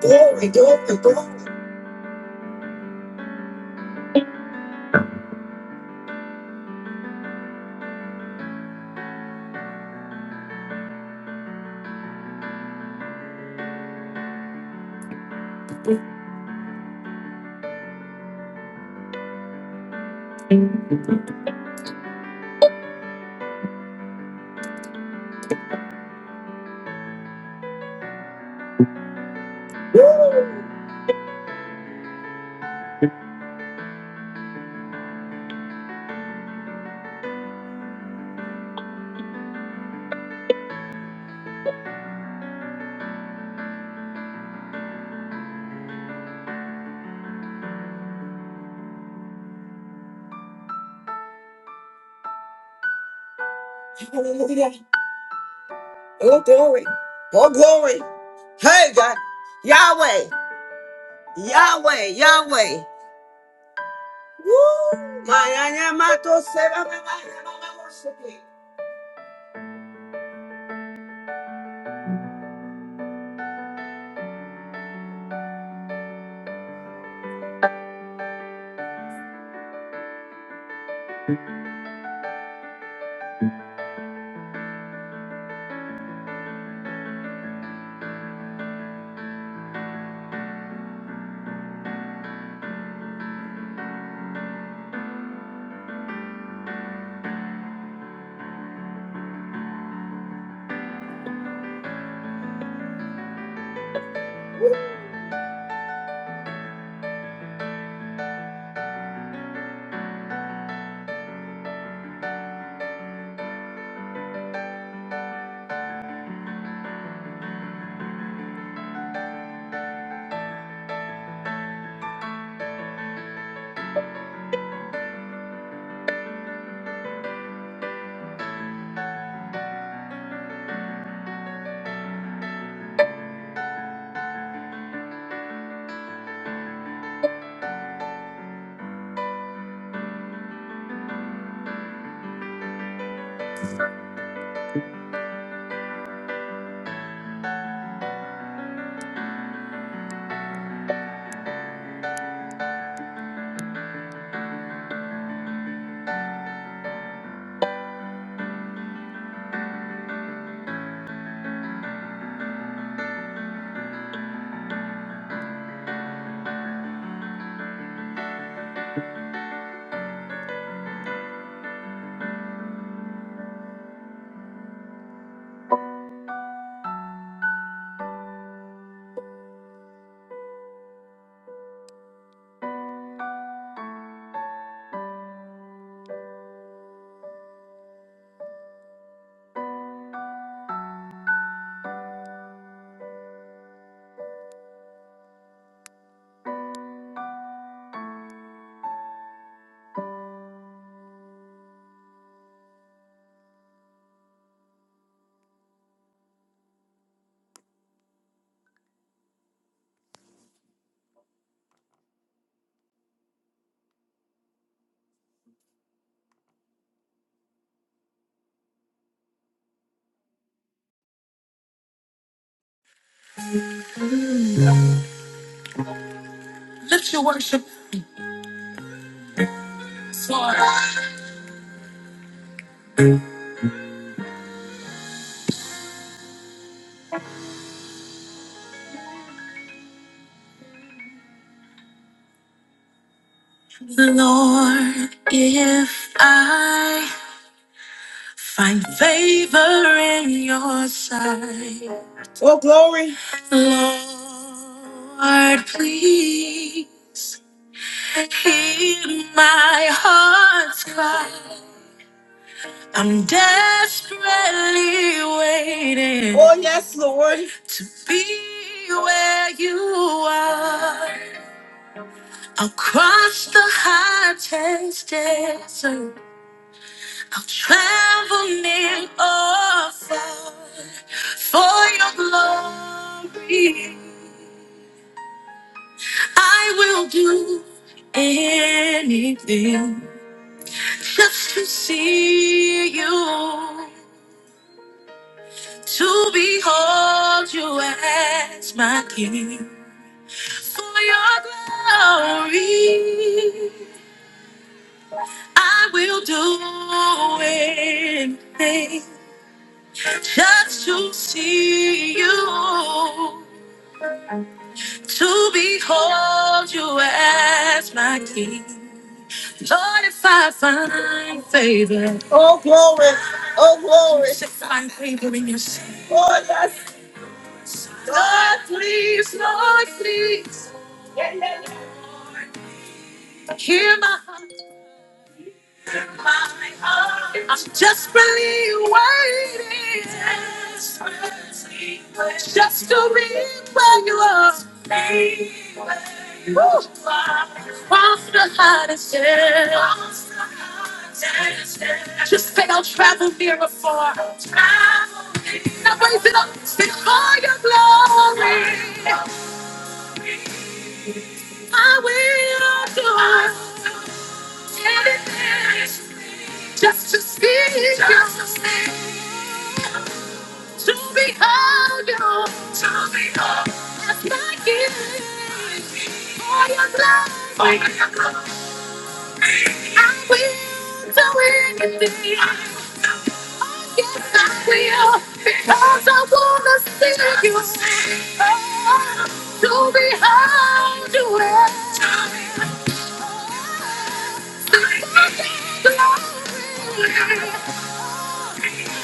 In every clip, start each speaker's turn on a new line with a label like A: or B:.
A: Glory, glory, glory. Woo. Hallelujah. Oh, glory. Oh, glory. Hey, God. Yahweh. Yahweh. Yahweh. Woo. My, I am at your service. My, my, my, my worship. Lift your worship. Lord, if I find favor in your sight. Oh, glory. Lord, please. Hear my heart's cry. I'm desperately waiting. Oh, yes, Lord. To be where you are. I'll cross the hottest desert. I'll travel near or far for your glory. I will do anything. just to see you, to behold you as my king. For your glory, I will do anything just to see you, to behold you as my king. Lord, if I find favor, oh glory, oh glory, if I find favor in your sight. oh yes, Lord, please, Lord, please, hear my heart. My heart. I'm desperately waiting. Just to be where you are. Woo. Cross the hottest hill. Just say I'll travel near or far. Now raise it up, sing for your glory. I will do anything just to see you. To behold you, To behold held. As my gift. For your love. For your love. I will do anything. Yes, I will. Because I want to see you. Oh, to behold you, To behold held.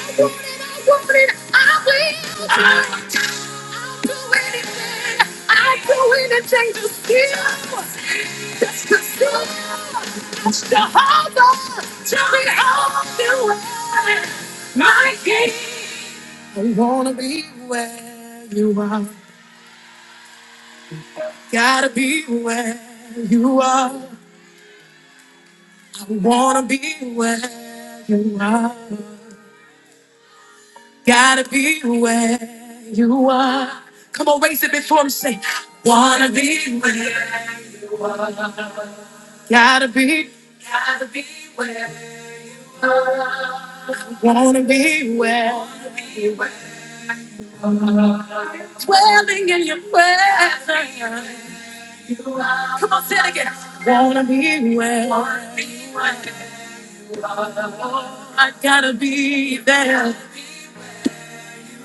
A: I want it, I want it, I will. I'll do anything. I'll do anything to see you. Just to see you. Just to hold on to the old you way. My king. I wanna be where you are. Gotta be where you are. I wanna be where you are. Gotta be where you are. Come on, raise it before him. Say, wanna be where. Gotta be. Wanna be well, dwelling in your presence. Come on, say it again. Wanna be well. I gotta be there.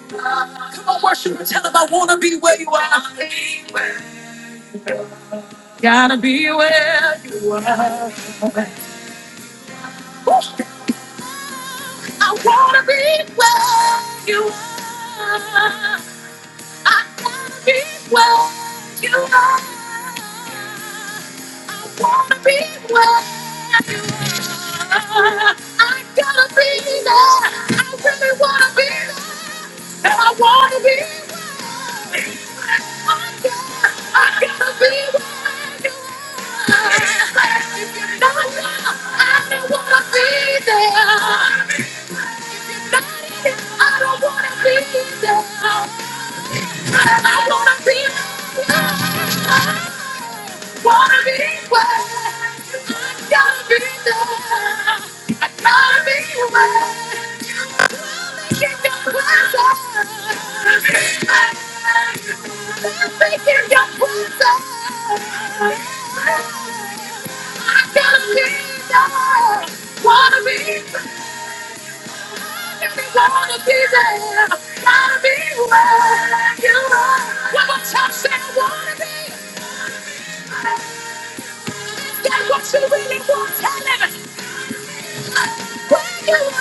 A: Come on, worship and tell them I wanna be where you are. Gotta be where you are. I wanna be where you are. I want to be where you are. I wanna be where. I gotta be there. I really wanna be there. And I wanna be there. I gotta, I gotta be there. If you're not there, I don't wanna be there. Not here, I don't wanna be there. I wanna be there. Wanna be where I gotta be there. I gotta be where you wanna make it your pleasure. Make it your pleasure. I gotta be there. Wanna be where you wanna be there. Gotta be where you are. One more time, say I wanna be. That's what you really want. Tell it. Lift your hands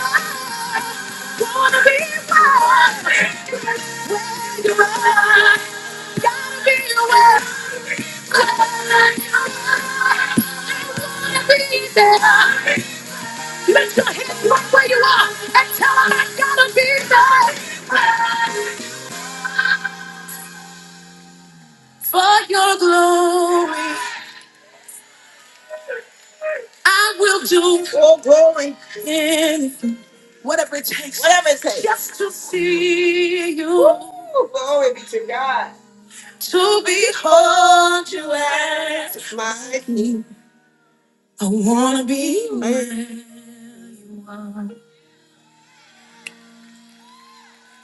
A: right where you are and tell them I gotta be there. For your glory, I will do your glory in whatever it takes, whatever it takes, just to see you. Ooh, glory be to God. to behold you as my king. I wanna be where you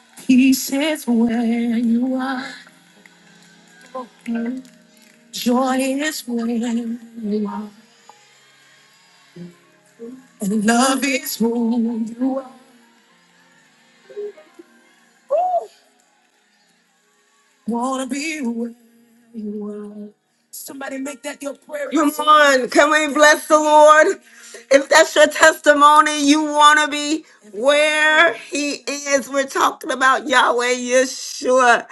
A: are. Peace is where you are. Joy is where you are. And love is who you are. Wanna be where you are. Somebody make that your prayer. Come on, can we bless the Lord? If that's your testimony, you want to be where He is. We're talking about Yahweh Yeshua.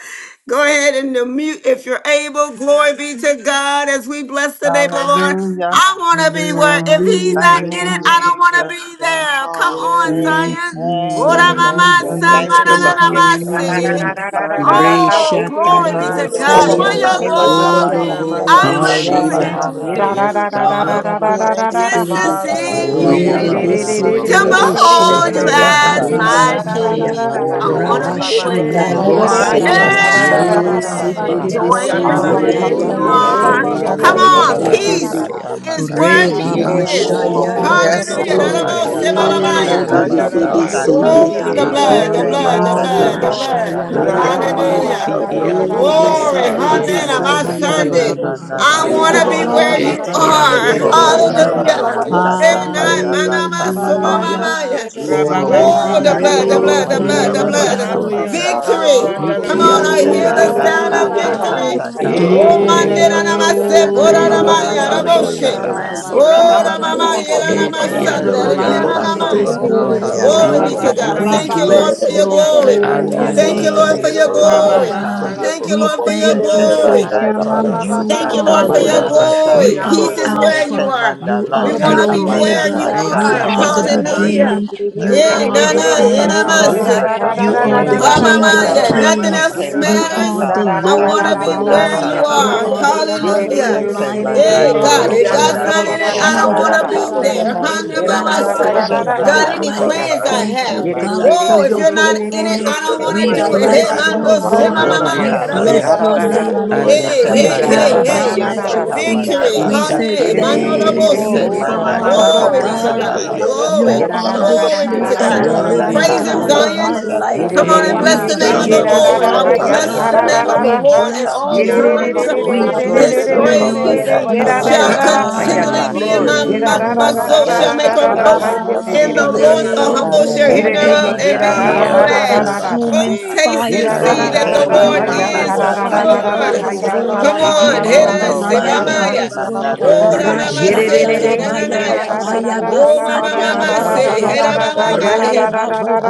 A: Go ahead and mute if you're able. Glory be to God as we bless the name of the Lord.
B: Hallelujah.
A: I want to be where, if He's not
B: Thank
A: in
B: you,
A: it,
C: Hallelujah.
A: I
D: Hallelujah.
A: don't want to
C: Father
B: Jesus.
A: be
C: God.
A: there. Come
E: Hallelujah.
A: on,
C: Thank
D: Yes.
A: Zion.
C: you,
A: Ora
C: Lord.
D: Rana
C: We
A: mama,
B: Hallelujah.
F: Hallelujah,
E: Hallelujah.
D: Sunday,
B: Thank
C: bless
A: sama
E: Thank
B: you,
A: na
C: your
E: you,
A: na
B: Lord.
A: na
F: hallelujah.
E: Father
C: holy
F: Da, da,
E: God.
D: Masikande,
A: masi.
C: name.
F: da,
D: Robo
F: da, da, da, da, da,
D: Sunday.
F: da.
E: Oh,
F: Ha,
A: Oh,
F: ye,
C: Resha
E: Robo
F: ke, de,
A: glory
F: de,
A: be
F: de, de, de, de, de,
D: My
A: to
E: Sita,
G: The blood
F: de,
D: God,
A: God
E: Robo
A: for
B: Eh,
C: tarabaseya.
F: de,
E: Sata,
A: your
D: today.
F: ye, da,
B: masaka
E: Robo
F: da, da,
C: Oro
F: da.
A: glory.
E: Sata.
D: Rama
B: bayete
C: bobo
A: I would
B: basaka
D: Surianda,
C: boshe
F: Yes.
H: Hallelujah.
A: do
F: Ye,
B: manana.
F: da,
A: anything.
C: yarababa.
F: da,
H: Yes,
E: Hallelujah.
F: da,
D: Namase.
F: da, da,
E: Sata,
F: da,
B: Eh,
H: God.
A: Oh,
F: da,
C: Yarababa
F: da, da, da,
D: Thank
B: masaka
F: da,
D: you,
F: da,
A: just
F: ha.
A: to
C: seterebe.
D: Father.
A: see
F: Ye,
H: Oya
B: mayaka
E: Robo
F: de, de,
A: you,
C: Erebe
F: de, de,
E: Sita,
D: Rabba
B: masaka.
F: de, de,
H: babandoya
F: de, de, de, de,
A: to
F: de,
E: Robo
F: de,
C: seterebe
F: de,
D: Surianda,
E: Sata,
H: rabasa.
A: behold
C: sheha
A: you
B: Eke
E: Robo
F: de,
D: Namase,
E: Sata.
F: he,
A: as
I: Thank
F: ye,
C: yababa
B: basaka
F: da,
H: Undi
F: da,
A: my
F: da, da, da,
B: manana
C: sambaya.
H: si
F: da, da,
A: king.
F: da,
E: Oh,
A: I
F: ha,
H: andoya
B: nanana
E: Robo
A: want
F: yes,
A: to
F: ha.
D: Rama
A: be
H: rabasa
C: Rabasha
E: Sita,
D: Mama
B: nasaka.
A: where
H: taya.
F: Ye,
A: you
J: Glory,
F: da,
E: Robo
D: Surianda,
F: da,
A: are.
F: da,
C: yarabaseya.
B: Eke
F: da,
E: Sata,
F: da,
G: of
F: da,
G: Jesus.
E: Robo
D: Rabosa.
H: Ikia
B: manda
F: da, da,
H: mama
F: da,
C: E
F: da, da,
B: koto
E: Sata.
F: da,
A: Hey,
F: ha.
I: you.
C: seterebe
H: masoya.
B: kona
G: Oh,
A: joy
D: Yanda
A: is
G: rabba
F: Ye,
C: seya
B: kana.
F: de,
D: Rama
C: ya
F: de,
A: where
F: de, de,
A: you
G: Bakaya,
E: Hallelujah.
H: Undi
F: de,
C: yababa
F: de,
D: Surianda,
C: baba
B: Eke
F: de,
A: are.
G: Rebbe
F: de,
E: Sata,
H: si
F: de, de,
E: Robo
A: Come
G: Yanda,
B: manda
C: baba
F: de,
H: andoya
F: de,
A: on,
F: de,
B: kono
F: de,
E: Sata,
B: no
H: rabasa
F: ye,
A: peace
C: seterebe.
F: ha.
H: taya.
B: shata
E: Robo Sita.
A: is
F: Ye,
A: where
C: Re
B: manana.
F: da, da, da, da, da, da, da, da, da, da, da,
A: he
H: Itia
C: baba
H: mama
A: is.
E: Oh,
F: da,
E: Robo
H: maso.
K: Yes,
A: Hallelujah.
E: Sita,
B: Oko
F: da,
H: O
C: shayarabase.
K: hallelujah.
E: Robo
B: bashaka
E: Sata,
H: shakaya
C: Ere
H: andoya
E: Robo
C: be
B: manana
C: be
D: Randa
B: na
C: be
H: rabasa
B: na
F: Yes,
C: be
D: Rama
K: Oh,
C: se
H: taya.
B: shaka.
K: God,
C: ye
E: Sata,
K: I'm
D: Surianda,
A: Oh, the
C: Baba, ba ba.
K: happy.
A: blood,
H: Ikia
A: the
B: Eke
D: Rabasiki.
H: mama
A: blood, the
C: Ara
B: mashaka
A: blood,
C: ba
A: the
H: masoya.
C: sha
E: Ulobosi
B: manana
C: ya
A: blood.
C: ra
B: na
C: ba
E: tenge
B: na
C: ba
D: Rabba
B: na
C: se
D: Baba
B: na
H: Undi
C: ya.
E: bobosa,
A: Hallelujah.
D: Sunday,
H: si
B: kata.
D: Rabo
C: Ere be
E: bobosa
H: iandole.
C: se
A: Glory,
G: Rabba
B: Eke
D: Surianda,
C: ere
E: taya
A: honey,
C: be
H: Ia
D: Denelama.
A: on
C: se
B: manana
G: Yasanda.
A: my
B: na na
E: bobosi.
H: masoto
C: Baba,
B: na
A: Sunday.
B: na
H: yorobo
C: Baba,
B: na
G: I
A: I
B: na
H: sataya.
G: plead
A: want to
G: your
A: be
B: shaka.
D: Rababa
C: ra ba
G: blood.
A: where
K: Oh,
E: Ulobosi
C: ba
A: you
C: ba
K: God,
H: Eti
C: ba. Ara
K: I'm
E: tenge
A: are.
G: Here,
H: andoya
B: Eke
G: Rebbe
E: bobosa,
B: manda
G: Yanda,
B: na
A: Hallelujah.
H: rabasaya.
G: Rabba
J: glory,
E: bobosa
B: kata
A: And
G: Yasoko.
A: I,
K: happy.
E: taya
B: manda
A: my
B: la
A: mama,
E: bobosi.
A: so my
B: tamanda.
A: mama,
G: Hallelujah,
C: Hallelujah.
A: yeah.
G: Jesus.
B: Eke
E: Ulobosi
A: Oh, the
B: manda
H: Ondiesi,
G: You're
E: tenge
A: blood, the
K: Yeah,
B: koko
A: blood,
K: but
A: the
G: worthy, God.
B: manda
E: bobosa,
A: blood, the
B: la
G: You're
A: blood.
B: taka
C: Hallelujah.
E: bobosa
G: worthy of
H: Yababasoya,
B: manda
G: all
B: la.
G: the
E: taya
A: Victory.
G: praise.
A: Come
E: bobosi.
K: this
G: You're
A: on, I
H: Ikiando
G: worthy.
B: Eke
A: hear the
B: manda
J: Oh,
A: sound
J: la
A: of
J: la
B: kata
J: la
H: Yarabasataya,
J: la
C: Hallelujah.
J: ba
G: Oh,
E: Ulobosi
A: victory.
B: kata
J: se,
E: tenge
K: time,
A: Oh,
B: kamana.
J: de de
A: Monday,
K: yeah,
J: de
E: bobosa,
G: Rabakataya.
H: Yeka,
J: ke de la la
A: namaste,
J: la
E: bobosa
B: Eke
J: la
A: bora
J: la la
E: taya
B: manda
J: ba
A: namaya,
J: se,
C: Glory
H: Yamamamando
J: la
C: to
J: la
B: karata
E: bobosi.
C: the
J: la
A: raboshi.
J: la la
G: Yarabaya,
C: Lamb
J: ba.
C: of
B: kamana
H: Yarabasataya,
A: Oh,
G: Sokoya,
C: God.
B: karate.
G: Yarabaya,
A: ramamaya,
C: You
E: Ulobosi
C: are
B: Eke
E: tenge
C: the
H: Etiando
B: manda
C: light
E: bobosa,
J: Glory,
C: of
B: kaka
A: namaste,
H: Yarabasi,
C: this
G: Yarabaya,
K: I'm
B: manda
J: glory,
C: world,
K: very
E: bobosa
B: kaka
C: Father
K: happy.
E: taya
A: Glory
J: glory,
A: be
C: God.
A: to
B: manda
H: Glory
J: haya
G: Yarabaya,
A: God.
G: Yarabaya,
B: sa.
G: Yarabaya,
C: We
J: ba
E: bobosi.
A: Thank
J: ba
A: you,
G: Sataya,
J: ba.
H: Yabaso,
A: Lord,
C: bless
A: for your
C: your
J: De
B: Eke
A: glory.
J: ke de
C: holy
B: manda
H: Andia
J: de
A: Thank
J: de
A: you,
J: de
B: kolo
E: Thank
A: Lord,
C: name,
J: ke
A: for
J: de
H: Sataya,
A: your
G: Yarabaya,
J: la
B: shike
J: la la la
C: Father
B: manda
J: la
A: glory.
J: la la
B: kao.
C: God.
J: ba
A: Thank
J: se.
A: you,
C: We
A: Lord, for your
C: thank you
B: Eke
G: Yarabaya, Yarabaya,
C: for
A: glory.
B: manda
J: Haya ba
C: who
B: kolo
G: Yarabaya,
J: ba ba
B: no
C: you
A: Thank
J: ba,
A: you,
J: ye
B: shaka
C: are,
A: Lord, for
D: Ikando
G: Sikierebe,
A: your
B: manda
J: la
C: God.
D: robo
J: la
G: Yarabaya,
B: nasa.
J: ke
C: You
A: glory.
J: de
H: Oyabasoya.
C: are
D: sorianda
A: Peace
J: ke
A: is
J: la
G: Soko.
J: la la
A: where
D: namaste.
J: la
A: you
B: Eke
C: Alpha,
J: la la
A: are.
J: ba.
B: manda
C: you
B: la
A: We
C: are
A: want
C: the
A: to
H: Thank
B: taka
H: you,
A: be
D: Ikando
G: Yarabaya,
D: robo
B: manda
A: where
C: Omega,
H: Jesus.
B: la
A: you
J: Ya
G: Yarabaya,
H: Thank
C: you
J: ba
D: sorianda
B: shaka
H: you.
A: are.
J: ba
C: are
J: ba
C: the
G: Sataya,
B: manda.
J: ka
G: Yarabaya.
D: namaskanda.
A: Hallelujah.
C: beginning, you
B: Eke
A: Yeah,
C: are
A: na
D: Rababa
C: the
J: Ba
A: na,
B: manda
J: ba
A: yeah,
J: ba
C: end,
A: na,
G: Oh,
B: kana
J: ba
D: sorianda
J: de
A: ma,
C: Father
B: la
J: de
A: si.
C: God.
J: ke de
B: shaka
D: namaste.
J: de
C: You
J: ke
G: Rabakataya,
B: manda
C: are
J: de
C: the
J: de de
A: Oh,
J: de
B: sata.
J: la
G: Yarabaya,
C: King
J: la
A: mama,
C: of
D: Ikanda
J: ba.
A: yeah,
H: Oyabasoya,
A: nothing
C: Kings,
A: else
B: Eke
G: Yarabaya,
D: rabasanda
C: you
D: rabo
B: manda
C: are
A: matters.
C: the
B: kala
A: I
D: sorianda
G: Oh,
C: Lord
A: want
D: nam-
B: shaka
A: to
C: of
A: be
B: manda
A: where
C: Lords,
A: you
K: Hallelujah.
B: kata
C: you
D: Rababa
A: are.
C: are
B: manda.
C: the
D: sorianda
A: Hallelujah.
C: conquering
B: Eke
J: La
C: lion
D: namaste.
J: la
B: manda
J: la
A: Hey,
K: Hallelujah.
J: ba,
C: of
A: God,
B: koko
C: the
A: if
J: ye de
D: Iyanda
H: Eyabaso,
A: God's
J: ke
B: manda
C: tribe
J: de
A: not
D: ramo
A: in
C: of
J: de
A: it,
B: koko
J: ka
A: I
J: la
A: don't
J: la
D: sorianda
J: la
A: want
C: Judah.
B: manda
A: to
J: la
D: nam-
J: la
A: be
J: la la
B: kala
J: de
A: there.
B: sa.
C: Thank
J: ke
K: Hallelujah.
C: you,
A: Hallelujah,
J: she de
A: mama,
J: de
C: God,
J: ka
C: for
J: la
A: Saya.
J: la
C: your
D: Rababa
B: Eke
J: la la
C: bright
A: God,
J: la.
B: manda
A: any
C: light.
D: sotorianda
B: kolo
A: plans I
C: Thank
D: namaste.
B: shike
C: you,
A: have.
B: manda
C: God, for
A: Whoa, if
B: kala.
C: your
A: you're
D: Iyando
A: not
D: robo
A: in it, I
C: holiness.
A: don't
D: sorianda
A: want to
C: We
B: Eke
A: do it.
D: namaste.
J: Kaya
G: Oh,
A: Hey,
C: bless
B: manda
J: baba
G: Rabba
C: you,
A: mando, se,
B: koko
J: baba
C: Lord.
A: mama,
G: Bakaya,
B: manda
A: mama,
D: Rababa
C: We
H: Ondia
J: dekere
A: yeah, da, bo,
D: sande
B: kala
J: la
A: bo,
C: bless
H: Soya,
J: la
A: bo,
C: your
J: la
D: robo
K: Hallelujah.
J: la
A: se.
J: la
C: name,
G: the
C: Lord.
D: sorianda
H: Andia
A: Hey,
J: dekere
G: Yanda,
B: Eke
J: la
C: We
J: la
D: namaste.
A: hey,
J: la
H: Sekeya
G: Rabba
B: manda
C: bow
J: la
A: hey,
J: la.
A: hey.
C: down
B: kono
H: Babaso.
D: Iyando
C: at your
D: bo
B: saka
C: feet.
B: manda
A: Victory.
D: sorianda
E: you.
C: We
B: lata.
C: said,
F: Ye
A: Hallelujah.
F: de
H: Ishakande
F: de de
A: Mano,
D: namaste.
A: da,
F: de de
H: yere
A: bo,
C: Thank
F: de de
B: Eke
A: se.
C: you,
J: Glory.
F: ye da
B: manda
H: yabasoya.
F: da da
J: Kaya
F: da
E: Shandana
D: Rababa
F: da
J: ba
B: koko
C: Father
F: da
A: Glory be
F: da
A: to
F: da
B: manda
F: da
J: dekere
D: sorianda
C: God.
J: la
F: da.
A: God.
B: lala
J: ba
D: namaste.
J: handa la
B: sata.
F: Ye
C: You
A: Glory.
F: da da
C: are
J: dekere
F: da
C: the
J: la la
F: da da
A: Glory
J: la
F: da
A: be
C: true
F: da
A: to
J: la
F: da
B: Eke
C: and
J: la.
C: the
A: God.
F: da da da
B: manda
H: Hondi
D: Iyandarabas
C: living
F: da da
A: Praise
B: kala
A: him,
F: da
C: God
H: yaso.
F: da.
C: of
B: lala
C: my
A: Zion.
D: Sotoriandarabas.
F: Ye
B: sata.
C: life.
F: de
A: Come
F: de
A: on and
F: de
H: E
J: Baba
C: We
A: bless
F: de de
A: the
F: ye
A: name of
J: rakara
F: ye
A: the
D: Bando
B: Eke
C: thank
J: la
H: yabasoya.
F: da
C: you,
F: da
A: Lord.
F: da
A: I
B: manda
F: ha
A: will
C: Father
J: dekere
F: ya
J: la
B: kono
J: la
A: bless
F: ta
A: the
C: God.
J: la
F: da da
A: name
B: saka
J: la
D: Boshandirabaseki.
A: of
F: da
A: the
J: la la
C: We
F: da
B: manda
F: ha.
A: Lord
J: la.
A: at
C: bless
B: kala
A: all
F: Ye
C: you,
F: de
B: si.
F: de de
C: Lord.
F: de
A: times.
F: de
D: Iyadarabo
J: La
C: We
F: de de
J: la la
F: de
K: Glory
F: de
A: His
F: de de
C: bless
K: to your
C: you,
B: Oko
F: de de de
J: dekere
C: Lord.
F: de
K: name,
D: Soriandaramase.
A: praise
J: la
F: de
B: manda
J: la
K: oh
F: ye
C: We
G: Yanda,
J: la
F: da
B: kala
K: God.
F: da
C: said,
A: shall
F: da
B: la
G: the
F: da
J: dekere
F: da
J: la
G: Yanda.
F: ha
J: la
B: sata.
F: ya
H: Andi
J: la.
A: continually
F: ta.
A: be in
K: Glory
A: my
H: yasoya.
F: Ye
K: to your
F: da
A: mouth.
B: Eke
F: da
A: My
F: da
K: name.
F: da da
A: soul
B: manda
G: Oh,
F: da
A: shall
F: da
C: Hallelujah.
B: kata
A: make
F: da
A: a
F: da
K: Glory.
F: da
J: Baba
F: ha
B: kanda
J: ba
A: boast
F: ye
D: Iyandobo
F: de
B: lala
F: de
A: in
F: de
A: the
J: dekere
F: he
B: sata.
A: Lord.
F: ye
J: dekere
A: The
J: la
F: ta.
A: humble
D: Sotoriandaramase.
A: shall
F: Ye
J: la
A: hear
F: de
J: la
F: de
B: Eke
J: la
F: he
A: thereof
J: la
C: Hallelujah.
J: la
F: ye
A: and
B: manda
J: la.
F: da da
C: You
H: E
A: be
F: da
C: are
B: kata
F: da
C: the
F: da da
A: glad.
B: manda
F: da
H: yabaso.
F: da
B: la
F: da da.
C: consuming
D: Rabasandaramase.
A: Oh,
B: sata.
A: taste
F: Ye
C: fire,
A: and
F: da da
H: Andi
A: see
F: da
C: God.
F: da
A: that
B: Eke
F: da
A: the
J: Rakere
F: da
H: yasonde
C: You
F: ha
A: Lord
J: dekere
B: manda
F: ya
C: are
H: yere
D: Ikando
J: la
C: the
F: ta
A: is
J: la
F: da
B: kata
J: la
F: da
J: la
F: da
H: yabasoya.
F: da
C: fire
J: la
B: kanda
F: da
B: la
F: da
C: of
A: good.
F: ha
C: this
F: ya
B: lata.
J: la
F: ta
J: la
C: world.
F: da
A: Come
D: Boshandarabasandaraba.
J: la.
F: da da
H: Eki
C: You
A: on,
F: da da
A: hit
C: are
F: da da
C: the
H: yamama
B: Oko
A: us,
F: ha ya
C: light
H: maso.
F: ta.
C: of
B: basete
A: Sibamaya.
C: this
D: Rabababa
C: world.
B: manana
A: Oh,
J: Rakara la
A: la
H: Hondi
D: Sendirabo
A: mama
B: lata.
H: yaso
J: dekere
A: said,
F: Shalom,
H: tayara
D: Soriandaramase.
H: mandi
C: Rashatarabaya,
J: la la
H: yasoya.
J: la la la la
A: Oh,
J: la.
A: mama, mama
C: Ayabasatarabaseya,
K: Thank
A: said,
D: Iyandaramasandaramase.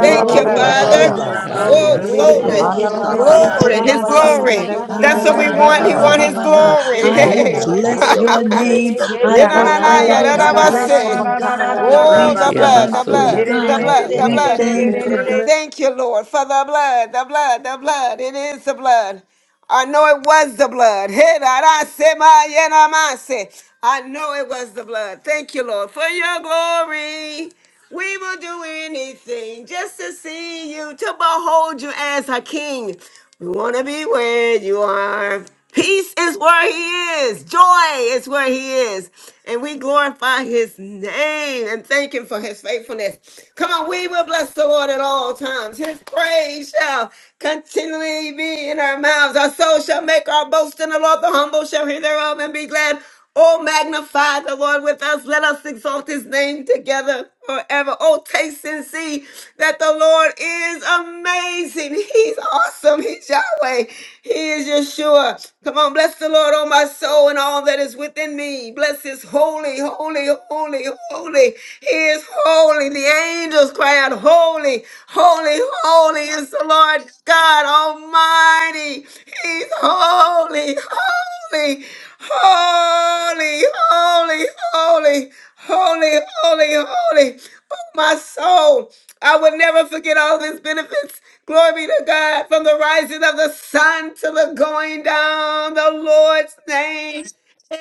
A: Thank
B: Oko
A: you,
J: Glory,
A: Father.
B: bachaka,
J: glory,
H: Andi
A: Oh,
J: glory. Hiya
B: oko
H: yasoya.
D: Rabasandirabo
A: glory,
J: ba ba ba ba
B: mashaka, ba,
J: ba.
D: Sotorianda.
A: glory, His
C: Re-re-re-re-re-se-te-re-re-se.
A: glory.
J: Kira kira
A: That's what
J: ra
A: we want.
J: kira
A: He
J: ra ra
A: want
J: ra
A: His
J: ra ra
C: Ah-ra-ba-ba-ba-ba-ba-ba.
J: ra
D: Iyandaramasandaramase.
A: glory.
J: kira
C: I
J: ra ra
C: will
J: ra
A: Hey.
J: ra
E: Yalababosita,
J: ba.
C: bless your
D: Thank
C: name.
E: yalababosata,
D: you, thank
C: I
A: Yeah,
D: you,
A: na,
C: will
A: na,
G: Jesus.
E: yalababosita,
D: thank
A: na,
J: Bayara
D: you.
A: yeah, da,
J: ka
C: always
A: da, ba,
G: Oh,
J: shara
C: bless
A: say.
C: you,
J: kira
G: Rabba
C: God.
J: kira
G: Kanda,
J: ra ra ra
C: We
A: Oh,
H: Eti
A: the
G: yeah,
A: blood,
D: Rabababa
J: ba.
A: the
C: thank you,
A: blood,
H: yabasoya.
A: the
C: God.
A: blood, the
K: you.
C: We
E: yalababosita.
D: Sandaramasete.
A: blood.
G: yeah,
C: thank you, God.
G: yeah.
A: Thank you, Lord, for the blood, the blood, the blood. It is the blood. I know it was the blood. Hey, da, da, say, ma, yeah, na, ma, say. I know it was the blood. Thank you, Lord, for your glory. We will do anything just to see you, to behold you as our King. We want to be where you are. Peace is where He is, joy is where He is. And we glorify His name and thank Him for His faithfulness. Come on, we will bless the Lord at all times. His praise shall continually be in our mouths. Our soul shall make our boast in the Lord. The humble shall hear thereof and be glad. Oh, magnify the Lord with us. Let us exalt his name together forever. Oh, taste and see that the Lord is amazing. He's awesome. He's Yahweh. He is Yeshua. Come on, bless the Lord, oh my soul, and all that is within me. Bless his holy, holy, holy, holy. He is holy. The angels cry out, Holy, holy, holy is the Lord God Almighty. He's holy, holy. Holy, holy, holy, holy, holy, holy. Oh, my soul. I will never forget all of his benefits. Glory be to God. From the rising of the sun to the going down, the Lord's name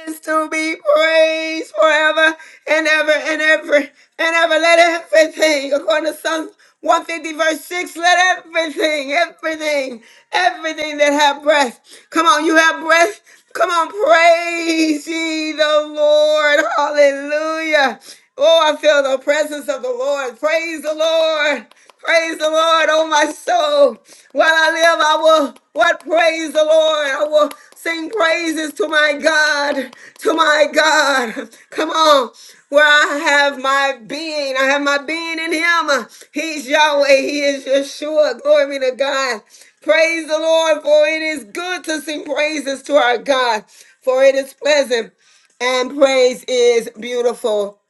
A: is to be praised forever and ever and ever and ever. Let everything, according to Psalms 150, verse 6, let everything, everything, everything that have breath. Come on, you have breath. Come on, praise ye the Lord. Hallelujah. Oh, I feel the presence of the Lord. Praise the Lord. Praise the Lord, oh my soul. While I live, I will what praise the Lord. I will sing praises to my God. To my God. Come on. Where I have my being. I have my being in him. He's Yahweh. He is Yeshua. Glory be to God. Praise the Lord, for it is good to sing praises to our God, for it is pleasant and praise is beautiful.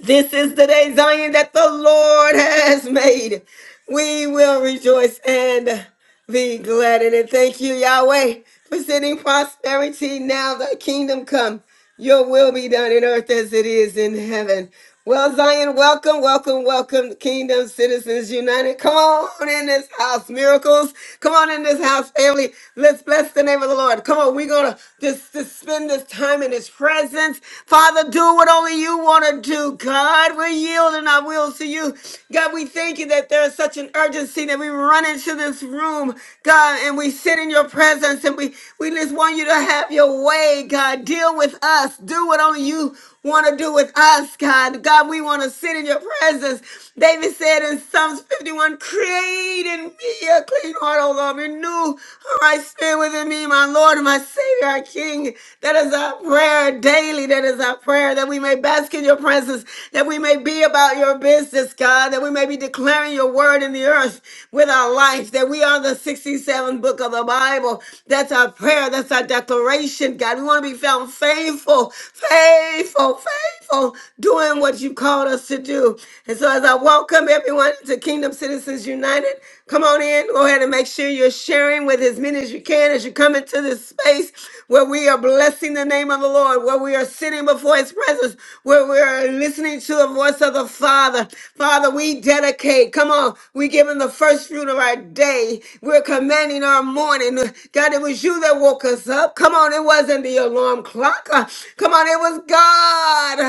A: This is the day, Zion, that the Lord has made. We will rejoice and be glad in it. Thank you, Yahweh, for sending prosperity now. Thy kingdom come, your will be done in earth as it is in heaven. Well, Zion, welcome, welcome, welcome, Kingdom Citizens United. Come on in this house, miracles. Come on in this house, family. Let's bless the name of the Lord. Come on, we're going to just, just spend this time in His presence. Father, do what only you want to do, God. We're yielding our wills to you. God, we thank you that there is such an urgency that we run into this room, God, and we sit in your presence and we, we just want you to have your way, God. Deal with us. Do what only you want to do with us, God. God. God, we want to sit in your presence. David said in Psalms 51, create in me a clean heart, O Lord. Renew a right spirit within me, my Lord and my Savior, our King. That is our prayer daily. That is our prayer that we may bask in your presence, that we may be about your business, God, that we may be declaring your word in the earth with our life, that we are the 67th book of the Bible. That's our prayer. That's our declaration, God. We want to be found faithful, faithful, faithful on doing what you called us to do. And so as I welcome everyone to Kingdom Citizens United, come on in. Go ahead and make sure you're sharing with as many as you can as you come into this space where we are blessing the name of the Lord, where we are sitting before his presence, where we are listening to the voice of the Father. Father, we dedicate. Come on. We give him the first fruit of our day. We're commanding our morning. God, it was you that woke us up. Come on. It wasn't the alarm clock. Uh, Come on. It was God.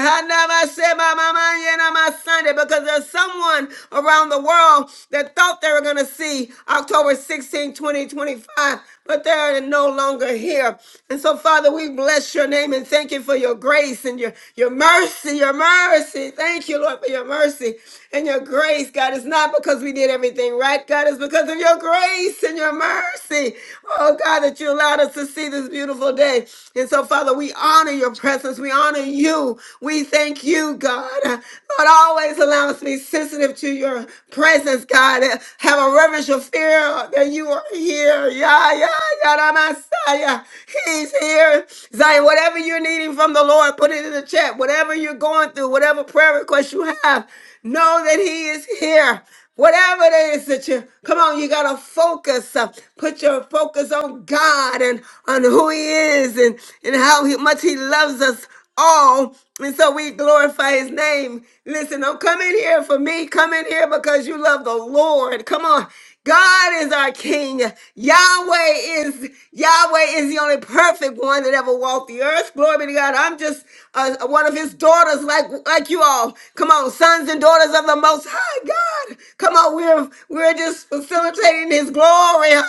A: Sunday because there's someone around the world that thought they were going to see October 16, 2025, but they're no longer here. And so, Father, we bless your name and thank you for your grace and your, your mercy, your mercy. Thank you, Lord, for your mercy and your grace, God. It's not because we did everything right, God. It's because of your grace and your mercy. Oh, God, that you allowed us to see this beautiful day. And so, Father, we honor your presence. We honor you you. We thank you, God. Uh, Lord, always allow us to be sensitive to your presence, God. Uh, Have a reverential fear that you are here. Yeah, yeah, yeah, the Messiah. He's here. Zion, whatever you're needing from the Lord, put it in the chat. Whatever you're going through, whatever prayer request you have, know that He is here. Whatever it is that you come on, you gotta focus. uh, put your focus on God and on who He is and and how he, much He loves us all. And so we glorify his name. Listen, don't come in here for me. Come in here because you love the Lord. Come on. God is our King. Yahweh is Yahweh is the only perfect one that ever walked the earth. Glory be to God. I'm just uh, one of His daughters, like like you all. Come on, sons and daughters of the Most High God. Come on, we're we're just facilitating His glory.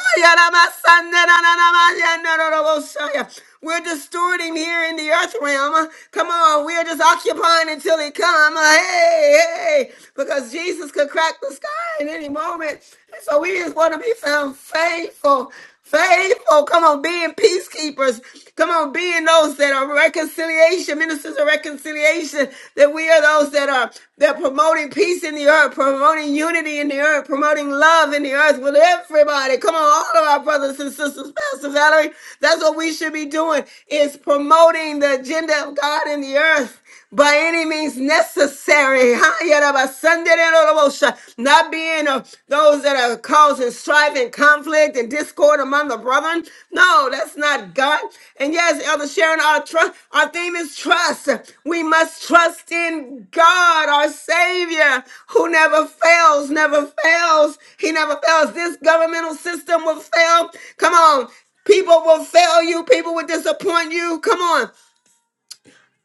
A: We're destroyed him here in the earth realm. Come on, we're just occupying until he come. Hey, hey, because Jesus could crack the sky in any moment. And so we just want to be found faithful. Faithful, come on, being peacekeepers, come on, being those that are reconciliation ministers of reconciliation. That we are those that are they're promoting peace in the earth, promoting unity in the earth, promoting love in the earth with everybody. Come on, all of our brothers and sisters, Pastor Valerie. That's what we should be doing is promoting the agenda of God in the earth by any means necessary. Ha, yada, ba, sunda, da, da, da, bo, sha. Not being of those that are causing strife and conflict and discord among the brethren. No, that's not God. And yes, Elder Sharon, our trust, our theme is trust. We must trust in God, our Savior, who never fails, never fails. He never fails. This governmental system will fail. Come on. People will fail you. People will disappoint you. Come on.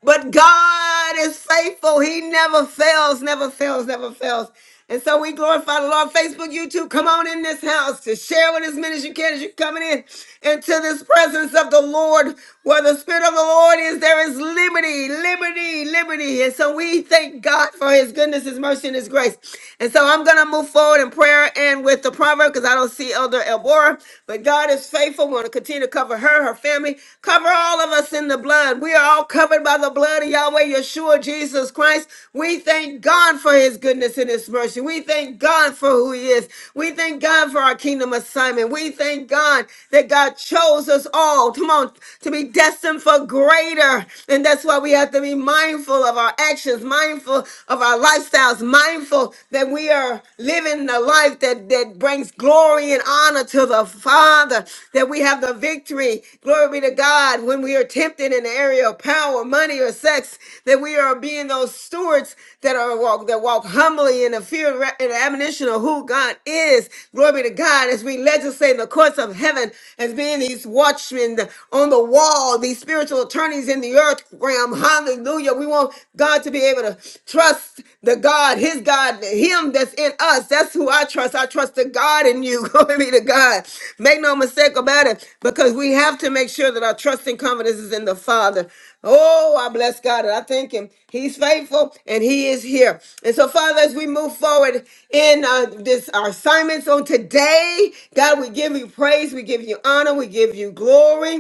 A: But God is faithful. He never fails, never fails, never fails. And so we glorify the Lord. Facebook, YouTube, come on in this house to share with as many as you can as you're coming in into this presence of the Lord. Where the Spirit of the Lord is, there is liberty, liberty, liberty. And so we thank God for His goodness, His mercy, and His grace. And so I'm going to move forward in prayer and with the proverb because I don't see Elder Elbora. But God is faithful want to continue to cover her, her family, cover all of us in the blood. We are all covered by the blood of Yahweh Yeshua Jesus Christ. We thank God for his goodness and his mercy. We thank God for who he is. We thank God for our kingdom assignment. We thank God that God chose us all, come on, to be destined for greater. And that's why we have to be mindful of our actions, mindful of our lifestyles, mindful that we are living living a life that, that brings glory and honor to the Father, that we have the victory. Glory be to God when we are tempted in the area of power, money, or sex, that we are being those stewards that are walk that walk humbly in the fear and re- and admonition of who God is. Glory be to God as we legislate in the courts of heaven as being these watchmen on the wall, these spiritual attorneys in the earth realm. Hallelujah. We won't God, to be able to trust the God, his God, him that's in us. That's who I trust. I trust the God in you. Glory be to God. Make no mistake about it because we have to make sure that our trust and confidence is in the Father. Oh, I bless God and I thank him. He's faithful and he is here. And so, Father, as we move forward in uh, this our assignments on today, God, we give you praise, we give you honor, we give you glory.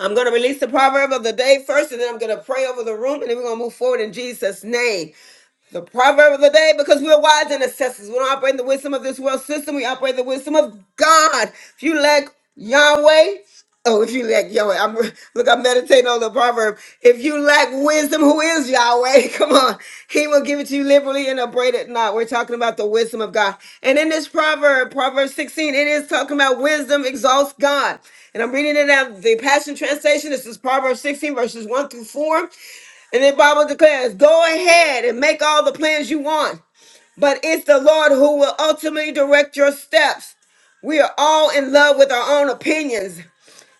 A: I'm going to release the proverb of the day first, and then I'm going to pray over the room, and then we're going to move forward in Jesus' name. The proverb of the day, because we're wise and assessors, We don't operate in the wisdom of this world system. We operate in the wisdom of God. If you lack Yahweh, oh, if you lack Yahweh, I'm look, I'm meditating on the proverb. If you lack wisdom, who is Yahweh? Come on. He will give it to you liberally and abrade it not. We're talking about the wisdom of God. And in this proverb, Proverb 16, it is talking about wisdom exalts God. And I'm reading it out of the Passion Translation. This is Proverbs 16, verses 1 through 4. And the Bible declares, go ahead and make all the plans you want, but it's the Lord who will ultimately direct your steps. We are all in love with our own opinions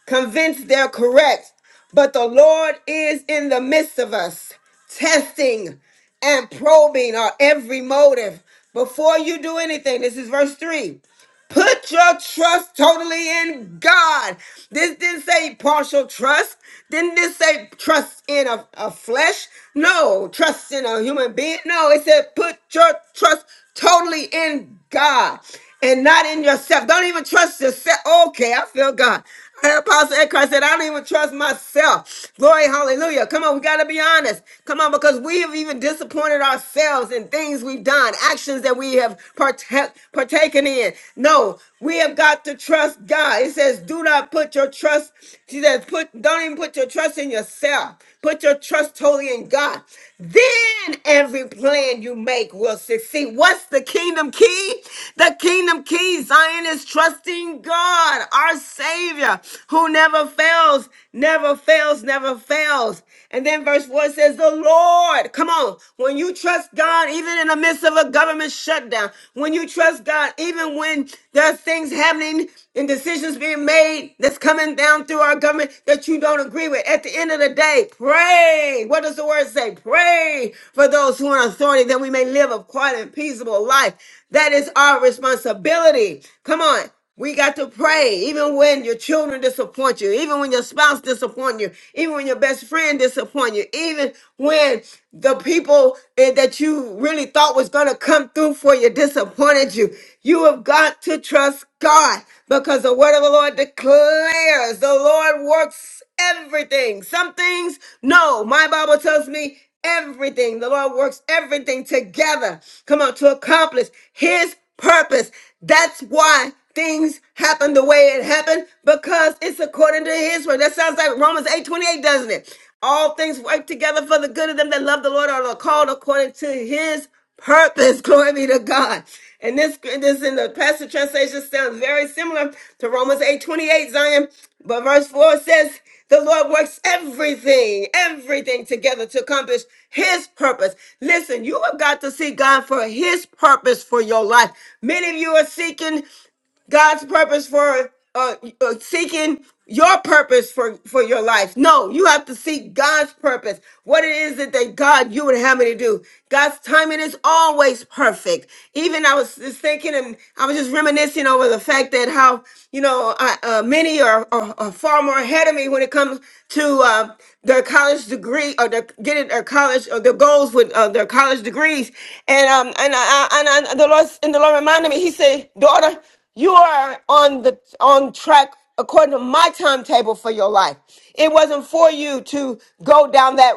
A: convinced they're correct. But the Lord is in the midst of us, testing and probing our every motive. Before you do anything, this is verse 3. Put your trust totally in God. This didn't say partial trust. Didn't this say trust in a, a flesh? No, trust in a human being. No, it said put your trust totally in God and not in yourself. Don't even trust yourself. Okay, I feel God. Her apostle at Christ said, I don't even trust myself. Glory, hallelujah. Come on, we got to be honest. Come on, because we have even disappointed ourselves in things we've done, actions that we have partake, partaken in. No, we have got to trust God. It says, do not put your trust, she says, put, don't even put your trust in yourself. Put your trust totally in God. Then every plan you make will succeed. What's the kingdom key? The kingdom key, Zion is trust trusting God, our Savior, who never fails, never fails, never fails. And then verse 4 says, The Lord, come on, when you trust God, even in the midst of a government shutdown, when you trust God, even when there are things happening and decisions being made that's coming down through our government that you don't agree with, at the end of the day, pray. What does the word say? Pray for those who are in authority that we may live a quiet and peaceable life. That is is our responsibility. Come on. We got to pray even when your children disappoint you, even when your spouse disappoint you, even when your best friend disappoint you, even when the people eh, that you really thought was going to come through for you disappointed you. You have got to trust God because the word of the Lord declares the Lord works works, everything. Some things, no. My Bible tells me everything. The Lord works everything together. Come on, to accomplish His purpose. That's why things happen the way it happened because it's according to His word. That sounds like Romans eight does doesn't it? All things work together for the good of them that love the Lord are called according to His purpose. Glory be to God. And this, this in the passage translation sounds very similar to Romans eight twenty eight Zion. But verse 4 says, the Lord works everything, everything together to accomplish his purpose. Listen, you have got to seek God for his purpose for your life. Many of you are seeking God's purpose for uh, uh, seeking your purpose for for your life. No, you have to seek God's purpose. What it is that that God you would have me to do. God's timing is always perfect. Even I was just thinking, and I was just reminiscing over the fact that how you know, I, uh, many are, are, are far more ahead of me when it comes to uh, their college degree or their, getting their college or their goals with uh, their college degrees. And um, and I, I- and I, the Lord and the Lord reminded me. He said, "Daughter, you are on the on track according to my timetable for your life. It wasn't for you to go down that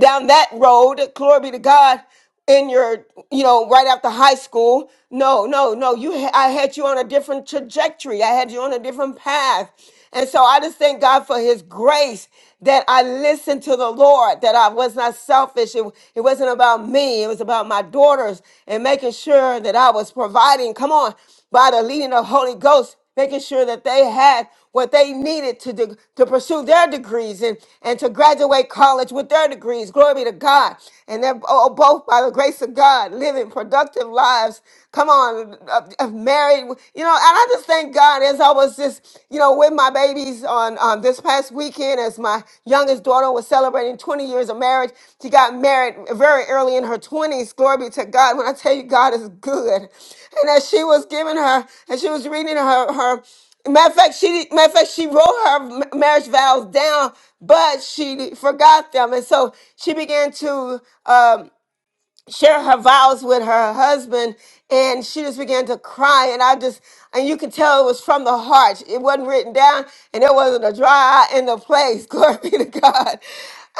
A: down that road. Glory be to God." in your you know right after high school no no no you ha- i had you on a different trajectory i had you on a different path and so i just thank god for his grace that i listened to the lord that i was not selfish it, it wasn't about me it was about my daughters and making sure that i was providing come on by the leading of holy ghost making sure that they had what they needed to, de- to pursue their degrees and, and to graduate college with their degrees. Glory be to God. And they're bo- oh, both, by the grace of God, living productive lives. Come on, uh, uh, married. You know, and I just thank God as I was just, you know, with my babies on um, this past weekend as my youngest daughter was celebrating 20 years of marriage. She got married very early in her 20s. Glory be to God. When I tell you God is good. And as she was giving her, and she was reading her, her Matter of fact, she did- matter of fact she wrote her ma- marriage vows down, but she forgot them, and so she began to um, share her vows with her husband and she just began to cry and i just and you could tell it was from the heart it wasn't written down and there wasn't a dry eye in the place glory be to god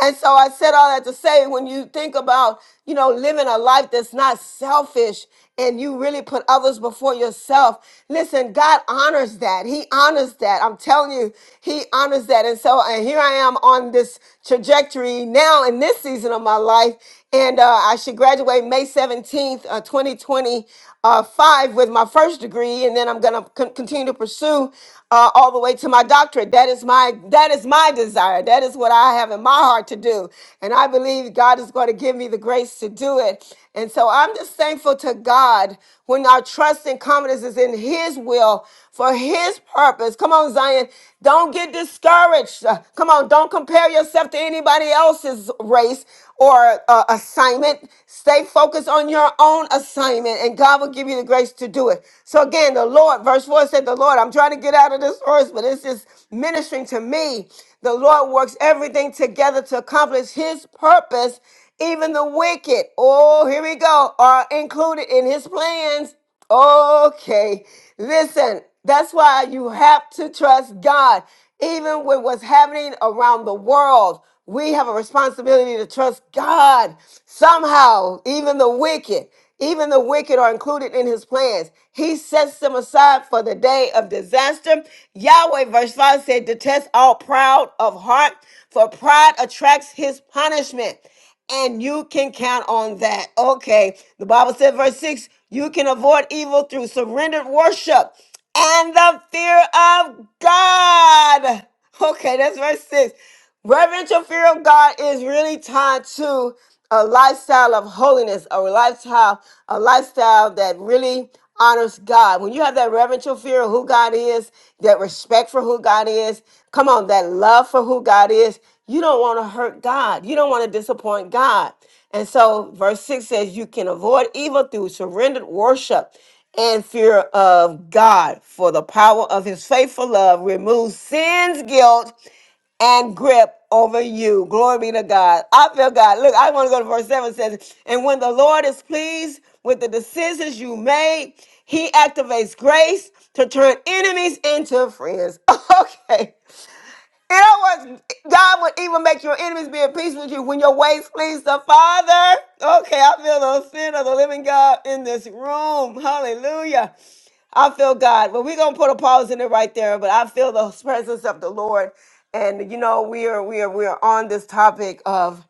A: and so i said all that to say when you think about you know living a life that's not selfish and you really put others before yourself listen god honors that he honors that i'm telling you he honors that and so and here i am on this trajectory now in this season season of my life. And uh, I should graduate May 17th, uh, 2025 with my first degree. And then I'm going to con- continue to pursue uh, all the way to my doctorate. That is my, that is my desire. That is what I have in my heart to do. And I believe God is going to give me the grace to do it. And so I'm just thankful to God when our trust and confidence is in His will for His purpose. Come on, Zion. Don't get discouraged. Uh, Come on, don't compare compare yourself to anybody else's race or uh, assignment. Stay focused on your own assignment, and God will give you the grace to do it. So, again, the Lord, verse 4 said, The Lord, I'm trying to get out of this verse, but it's just ministering to me. The Lord works everything together to accomplish his purpose. Even the wicked, oh, here we go, are included in his plans. Okay, listen, that's why you have to trust God. Even with what's happening around the world, we have a responsibility to trust God. Somehow, even the wicked, even the wicked are included in his plans. He sets them aside for the day of disaster. Yahweh, verse 5 said, Detest all proud of heart, for pride attracts his punishment. And you can count on that. Okay. The Bible said, verse 6 you can avoid evil through surrendered worship and the fear of God. Okay, that's verse six. Reverential fear of God is really tied to a lifestyle of holiness, a lifestyle, a lifestyle that really honors God. When you have that reverential fear of who God is, that respect for who God is, come on, that love for who God is, you don't want to hurt God. You don't want to disappoint God. And so, verse 6 says, You can avoid evil through surrendered worship and fear of God, for the power of his faithful love removes sin's guilt and grip over you. Glory be to God. I feel God. Look, I want to go to verse 7 It says, And when the Lord is pleased with the decisions you made, he activates grace to turn enemies into friends. Okay. In other words, God would even make your enemies be at peace with you when your ways please the Father. Okay, I feel the sin of the living God in this room. Hallelujah. I feel God. Well, we're gonna put a pause in it right there, but I feel the presence of the Lord. And you know, we are we are we are on this topic of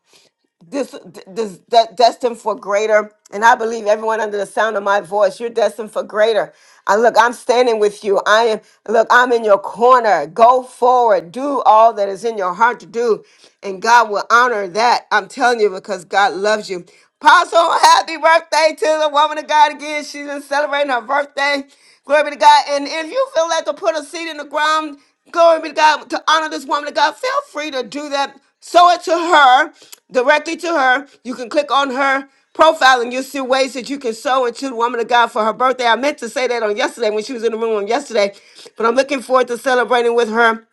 A: this this that destined for greater. And I believe everyone under the sound of my voice, you're destined for greater. I look, I'm standing with you. I am look, I'm in your corner. Go forward, do all that is in your heart to do and God will honor that. I'm telling you because God loves you. Apostle, happy birthday to the woman of God again. She's been celebrating her birthday. Glory be to God. And if you feel like to put a seed in the ground, glory be to God, to honor this woman of God, feel free to do that. Sow it to her, directly to her. You can click on her profile and you'll see ways that you can sow into the woman of God for her birthday. I meant to say that on yesterday when she was in the room on yesterday, but I'm looking forward to celebrating with her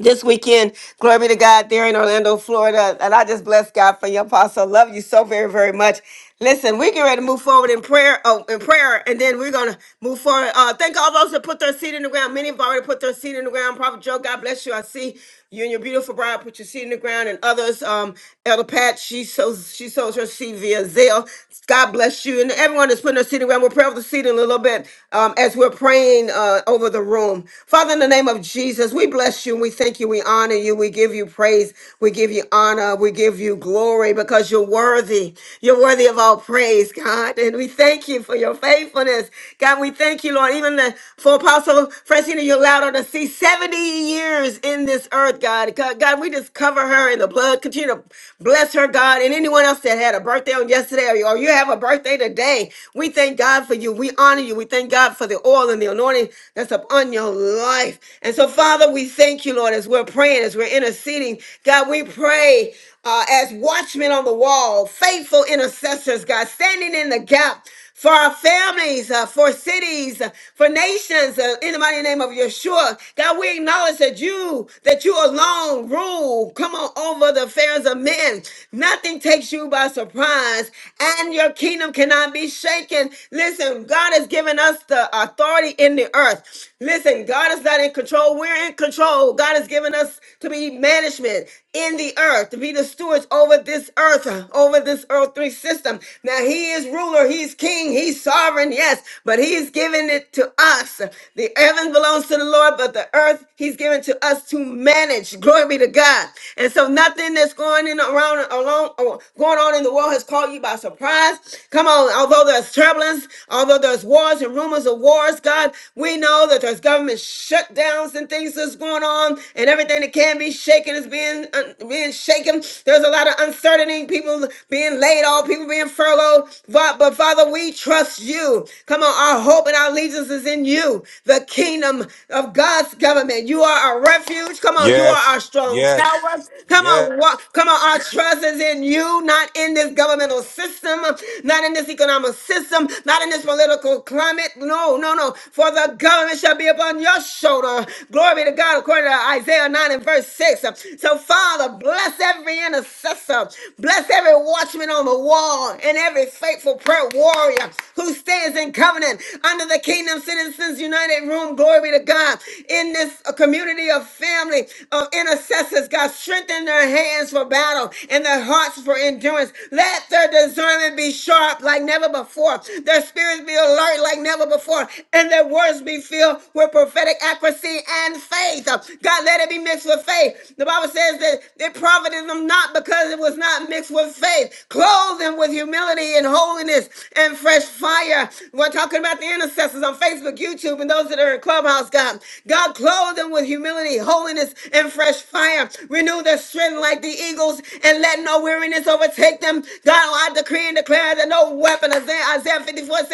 A: this weekend. Glory be to God there in Orlando, Florida. And I just bless God for your apostle. Love you so very, very much. Listen, we get ready to move forward in prayer. Oh, in prayer, and then we're gonna move forward. Uh, thank all those that put their seed in the ground. Many have already put their seed in the ground. Prophet Joe, God bless you. I see. You and your beautiful bride put your seed in the ground, and others, um, Elder Pat, she sows she sows her seed via Zelle. God bless you, and everyone that's putting their seed in the ground. We'll pray over the seed in a little bit um, as we're praying uh, over the room. Father, in the name of Jesus, we bless you and we thank you, we honor you, we give you praise. We give you honor. We give you glory because you're worthy. You're worthy of all praise, God. And we thank you for your faithfulness. God, we thank you, Lord. Even the, for Apostle Francina, you allowed her to see 70 years in this earth, God. God. God, we just cover her in the blood. Continue to Bless her, God. And anyone else that had a birthday on yesterday or you or you have a birthday today, we thank God for you. We honor you. We thank God for the oil and the anointing that's upon your life. And so, Father, we thank you, Lord, as we're praying, as we're interceding. God, we pray uh, as watchmen on the wall, faithful intercessors, God, standing in the gap for our families, uh, for cities, uh, for nations, uh, in the mighty name of Yeshua. God, we acknowledge that you, that you alone rule. Come on over the affairs of men. Nothing takes you by surprise, and your kingdom cannot be shaken. Listen, God has given us the authority in the earth. Listen, God is not in control. We're in control. God has given us to be management in the earth, to be the stewards over this earth, uh, over this earth three system. Now, He is ruler, He's king, He's sovereign, yes, but He's given it to us. The heaven belongs to the Lord, but the earth He's given to us to manage. Glory be to God. And so, nothing that's going in around alone or going on in the world has caught you by surprise. Come on, although there's turbulence, Although there's wars and rumors of wars, God, we know that there's government shutdowns and things that's going on, and everything that can be shaken is being un- being shaken. There's a lot of uncertainty, people being laid off, people being furloughed. But, but Father, we trust you. Come on, our hope and our allegiance is in you, the kingdom of God's government. You are our refuge. Come on, you are
L: Yes,
A: our strong tower.
L: yes,
A: Come
L: yes,
A: on, walk. Come on, our trust is in you, not in this governmental system, not in this economic system, not in this political climate. No, no, no. For the government shall be upon your shoulder. Glory be to God, according to Isaiah 9 and verse 6. So, Father, bless every intercessor, bless every watchman on the wall, and every faithful prayer warrior who stands in covenant under the Kingdom Citizens United Room. Glory be to God. In this uh, community of family of intercessors, God, strengthen their hands for for battle and their hearts for endurance. Let their discernment be sharp like never before, their spirits be alert like never before, and their words be filled with prophetic accuracy and faith. God, let it be mixed with faith. The Bible says that it profited them not because it was not mixed with faith. Clothe them with humility and holiness and fresh fire. We're talking about the intercessors on Facebook, YouTube, and those that are in Clubhouse, God. God, clothe them with humility, holiness, holiness and fresh fire. Renew their strength like the eagles and let no weariness overtake them. God, I decree and declare that no weapon, Isaiah, Isaiah 54:17.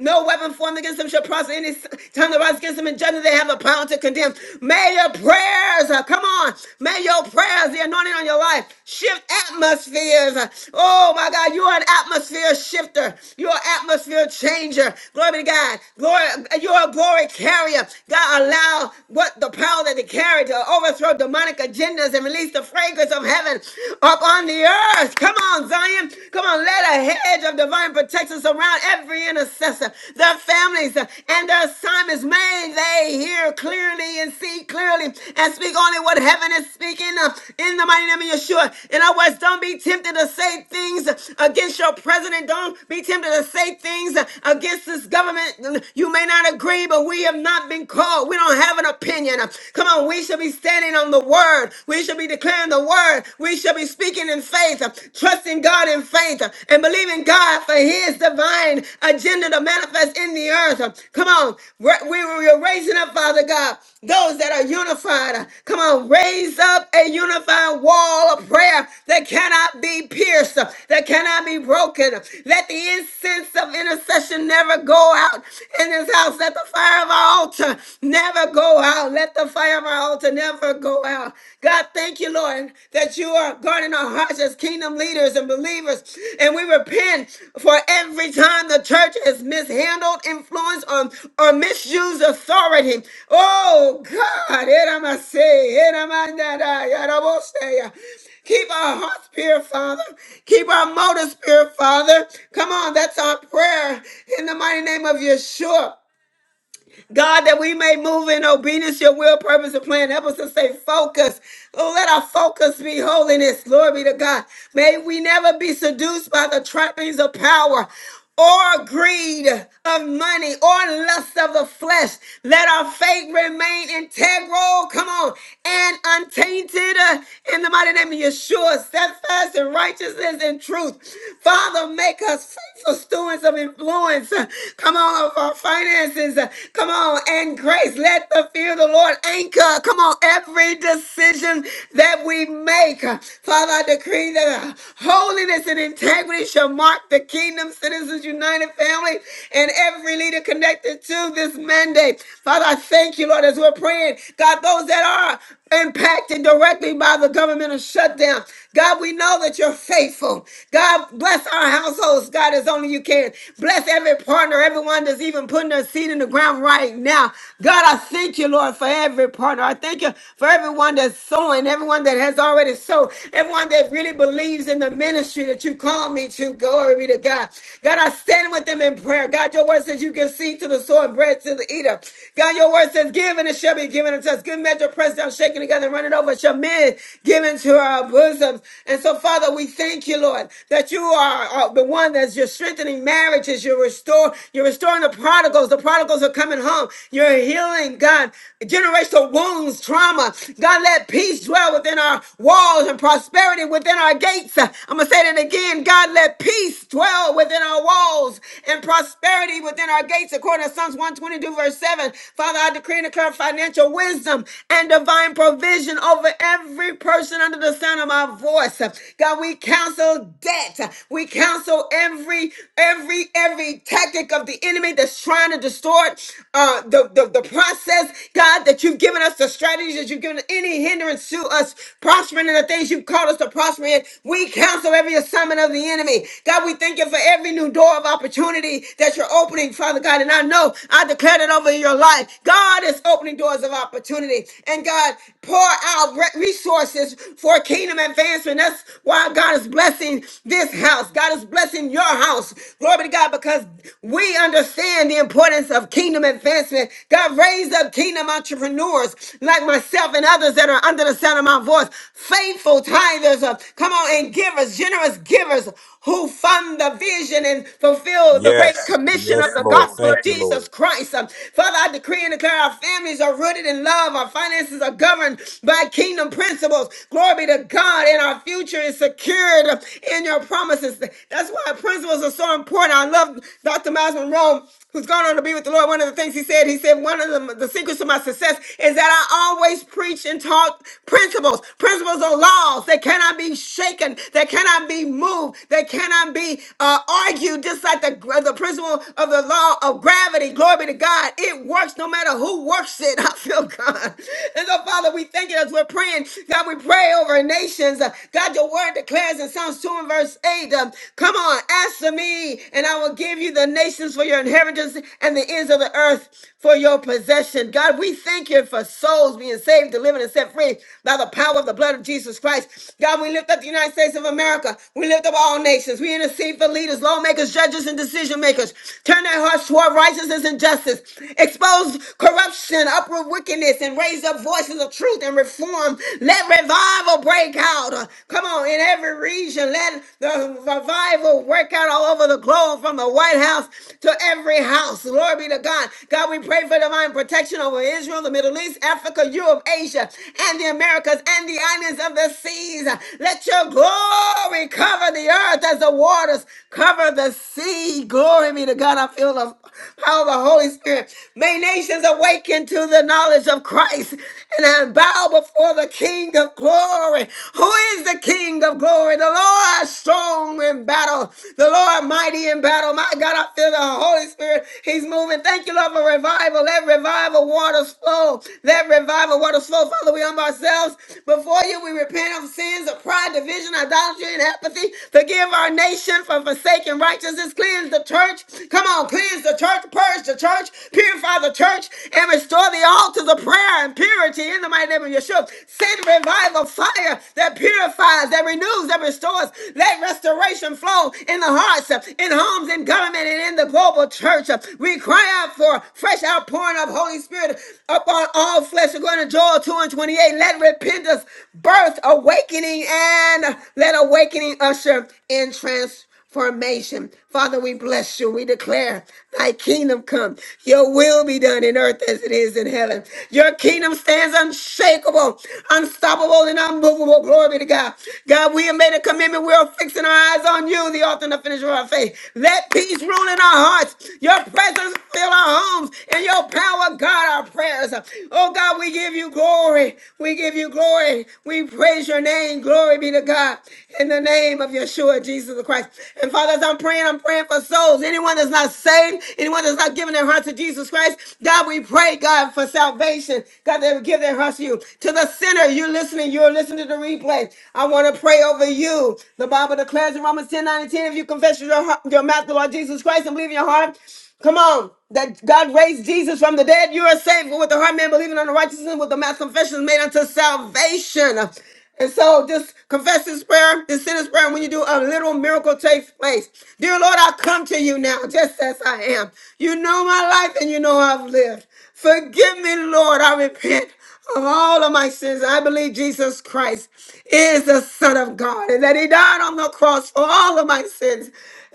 A: no weapon formed against them shall prosper. Any time that rise against them in judgment, they have a power to condemn. May your prayers, uh, come on, may your prayers, the anointing on your life, shift atmospheres. Oh my God, you're an atmosphere shifter. You're an atmosphere changer. Glory be to God. Glory, you're a glory glory carrier. God, allow what the power that they carry to overthrow demonic agendas and release the fragrance of heaven up on the earth. Come on, Zion. Come on, let a hedge of divine protection surround every intercessor, their families, uh, and their assignments. May they hear clearly and see clearly and speak only what heaven is speaking uh, in the mighty name of Yeshua. In other words, don't be tempted to say things uh, against your president. Don't be tempted to say things things uh, against this government. You may not agree, but we have not been called. We don't have an opinion. Come on, we should be standing on the word. We should be declaring the word. We should be speaking in faith, uh, trusting God in faith, uh, and believing God for his divine agenda to manifest in the earth. Uh, Come on, we we- are raising up, Father God, those that are unified. Uh, Come on, raise up a unified wall of prayer that cannot be pierced, uh, that that cannot be broken. Let the incense of intercession never go out in this house. Let the fire of our altar never go out. Let the fire of our altar never go out. God, thank you, Lord, that you are guarding our hearts as kingdom leaders and believers. And we repent for every time the church has mishandled, influenced, or, or misused authority. Oh, God. Eramase, eramandara, yarabose. Keep our hearts pure, Father. Keep our motives pure, Father. Come on, that's our prayer in the mighty name of Yeshua. God, that we may move in obedience, to your will, purpose, and plan. Help us to stay focused. Oh, let our focus be holiness. Glory be to God. May we never be seduced by the trappings of power or greed of money or lust of the flesh. Let our faith remain integral, come on, and untainted uh, in the mighty name of Yeshua, steadfast in righteousness and truth. Father, make us faithful stewards of influence. Uh, Come on on, of our finances. Uh, Come on, and grace. Let the fear of the Lord anchor. Come on, every decision that we make. Uh, Father, I decree that uh, holiness and integrity shall mark the Kingdom Citizens United family and every leader connected to this mandate. Father, I thank you, Lord, as we're praying. God, those that are impacted directly by the governmental shutdown. God, we know that you're faithful. God, bless our households, God, as only you can. Bless every partner, everyone that's even putting their seed in the ground right now. God, I thank you, Lord, for every partner. I thank you for everyone that's sowing, everyone that has already sowed, everyone that really believes in the ministry that you call me to. Glory be to God. God, I stand with them in prayer. God, your word says you give seed to the sower and bread to the eater. God, your word says give and it shall be given given unto us. Good measure, pressed down, shaken together, and running over shall men give into our bosoms. And so, Father, we thank you, Lord, that you are uh, the one that's you're strengthening marriages. You're restore, you're restoring the prodigals. The prodigals are coming home. You're healing, God, generational wounds, trauma. God, let peace dwell within our walls and prosperity within our gates. Uh, I'm gonna say that again. God, let peace dwell within our walls and prosperity within our gates, according to Psalms 122, verse 7. Father, I I decree and declare financial wisdom and divine provision over every person under the sound of my voice. God, we counsel debt. We counsel every, every, every tactic of the enemy that's trying to distort uh, the, the, the process. God, that you've given us the strategies that you've given any hindrance to us prospering in the things you've called us to prosper in. We counsel every assignment of the enemy. God, we thank you for every new door of opportunity that you're opening, Father God. And I know I declare declared it over your life. God is opening doors of opportunity. And God, pour out re- resources for kingdom advancement. That's why God is blessing this house. God is blessing your house. Glory be to God, because we understand the importance of kingdom advancement. God raised up kingdom entrepreneurs like myself and others that are under the sound of my voice. Faithful tithers, uh, come on, and givers, generous givers who fund the vision and fulfill the great
L: yes,
A: commission of
L: yes,
A: the God
L: Lord.
A: gospel
L: Thank
A: of
L: you,
A: Jesus
L: Lord.
A: Christ. Um, Father, I decree and declare our families are rooted in love, our finances are governed by kingdom principles. Glory be to God, and our future is secured in your promises. That's why principles are so important. I love Dr. Miles Monroe who's gone on to be with the Lord, one of the things he said, he said, one of the, the secrets of my success is that I always preach and talk principles. Principles are laws that cannot be shaken, that cannot be moved, that cannot be uh, argued, just like the the, the principle of the law of gravity. Glory be to God. It works no matter who works it. I feel God. And so, Father, we thank you as we're praying. God, we pray over nations. Uh, God, your word declares in Psalms 2 and verse 8, um, come on, ask of me, and I will give you the nations for your inheritance and the ends of the earth for your possession. God, we thank you for souls being saved, delivered, and set free by the power of the blood of Jesus Christ. God, we lift up the United States of America. We lift up all nations. We intercede for leaders leaders, lawmakers, judges, and decision makers. Turn their hearts toward righteousness and justice. Expose corruption, upward wickedness, and raise up voices of truth and reform. Let revival break out. Uh, Come on, in every region, let the revival work out all over the globe from the White House to every house. Glory be to God. God, we pray for divine protection over Israel, the Middle East, Africa, Europe, Asia, and the Americas and the islands of the seas. Let your glory cover the earth earth as the waters cover the sea. Glory be to God. I feel the power of the Holy Spirit. May nations awaken to the knowledge of Christ and then bow before the King of glory. Who is the King of glory? The Lord strong in battle, the Lord mighty in battle. My God, I feel the Holy Spirit. He's moving. Thank you, Lord, for revival. Let revival waters flow. Let revival waters flow. Father, we humble ourselves before you. We repent of sins of pride, division, idolatry and apathy. Forgive our nation for forsaking righteousness. Cleanse the church. Come on, cleanse the church. Purge the church. Purify the church and restore the altars of prayer and purity in the mighty name of Yeshua. Send revival fire that purifies, that renews, that restores. Let restoration flow in the hearts, in homes, in government, and in the global church. We cry out for fresh outpouring of Holy Spirit upon all flesh. According to Joel 2 and 28, let repentance birth awake awakening and let awakening usher in transformation. Father, we bless you. We declare thy kingdom come. Your will be done in earth as it is in heaven. Your kingdom stands unshakable, unstoppable, and unmovable. Glory be to God. God, we have made a commitment. We are fixing our eyes on you, the author and the finisher of our faith. Let peace rule in our hearts. Your presence fill our homes and your power, God, our prayers. Oh God, we give you glory. We give you glory. Lord. We praise your name. Glory be to God. In the name of Yeshua, Jesus the Christ. And Father, as I'm praying, I'm praying for souls. Anyone that's not saved, anyone that's not giving their heart to Jesus Christ, God, we pray, God, for salvation. God, they would give their hearts to you. To the sinner, you're listening. You're listening to the replay. I want to pray over you. The Bible declares in Romans 10, nine, and 10, if you confess with your, heart, your mouth the Lord Jesus Christ and believe in your heart, Come on. That God raised Jesus from the dead. You are saved. For with the heart man believing on the righteousness, with the mouth confession is made unto salvation. And so just confess this prayer, this sinner's prayer. And when you do, a little miracle takes place. Dear Lord, I come to you now just as I am. You know my life and you know how I've lived. Forgive me, Lord. I repent of all of my sins. I believe Jesus Christ is the Son of God and that He died on the cross for all of my sins.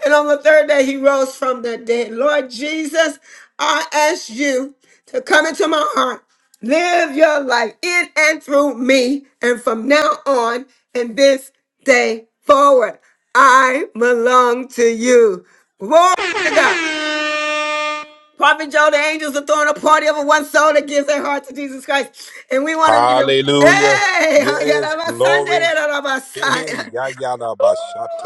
A: And on the third day, He rose from the dead. Lord Jesus, I ask you to come into my heart, live your life in and through me. And from now on, and this day forward, I belong to you. Glory to God. Prophet Joe, the angels are throwing a party over one soul that gives their heart to Jesus Christ. And we want to be the.
L: Hallelujah.
A: Hey!
L: Yes, glory. Hey, hey,
A: Hey!
L: ya ya da ba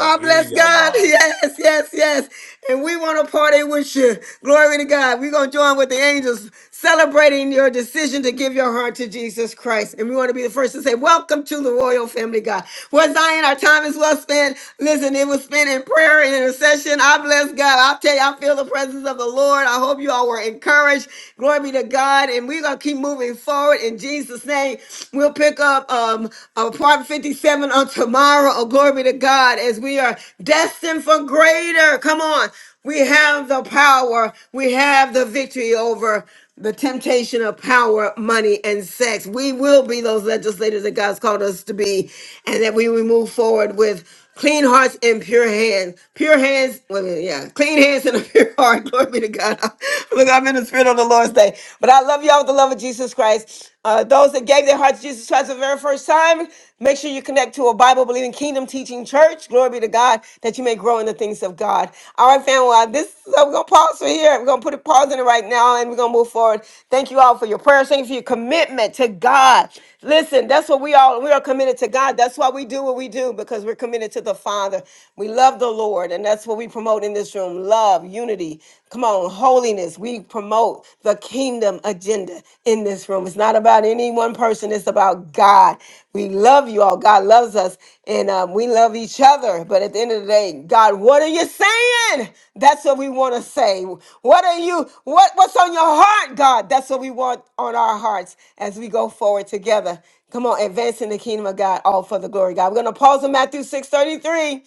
A: Oh, bless God. Yes, yes, yes. And we want to party with you. Glory to God. We're going to join with the angels celebrating your decision to give your heart to Jesus Christ. And we want to be the first to say, Welcome to the royal family, God. Well, Zion, our time is well spent. Listen, it was spent in prayer and intercession. I bless God. I'll tell you, I feel the presence of the Lord. I hope you all were encouraged. Glory be to God. And we're going to keep moving forward in Jesus' name. We'll pick up. uh, um, apartment 57 on tomorrow. Oh, glory be to God as we are destined for greater. Come on. We have the power. We have the victory over the temptation of power, money, and sex. We will be those legislators that God's called us to be, and that we will move forward with Clean hearts and pure hands. Pure hands, wait a minute, yeah. Clean hands and a pure heart. Glory be to God. Look, I'm in the spirit on the Lord's day. But I love y'all with the love of Jesus Christ. Uh, those that gave their hearts to Jesus Christ for the very first time, make sure you connect to a Bible believing kingdom teaching church. Glory be to God that you may grow in the things of God. All right, family, well, this I'm gonna pause for here right, we're gonna put a pause in it right now, and we're gonna move forward. Thank you all for your prayers. Thank you for your commitment to God. Listen, that's what we all we are committed to God. That's why we do what we do because we're committed to the Father. We love the Lord, and that's what we promote in this room: love, unity. Come on, holiness. We promote the kingdom agenda in this room. It's not about any one person person. It's about God. We love you all. God loves us, and um, we love each other. But at the end of the day, God, what are you saying? That's what we want to say. What are you? What What's on your heart, God? That's what we want on our hearts as we go forward together. Come on, advancing the kingdom of God, all for the glory of God. We're going to pause in Matthew six thirty three.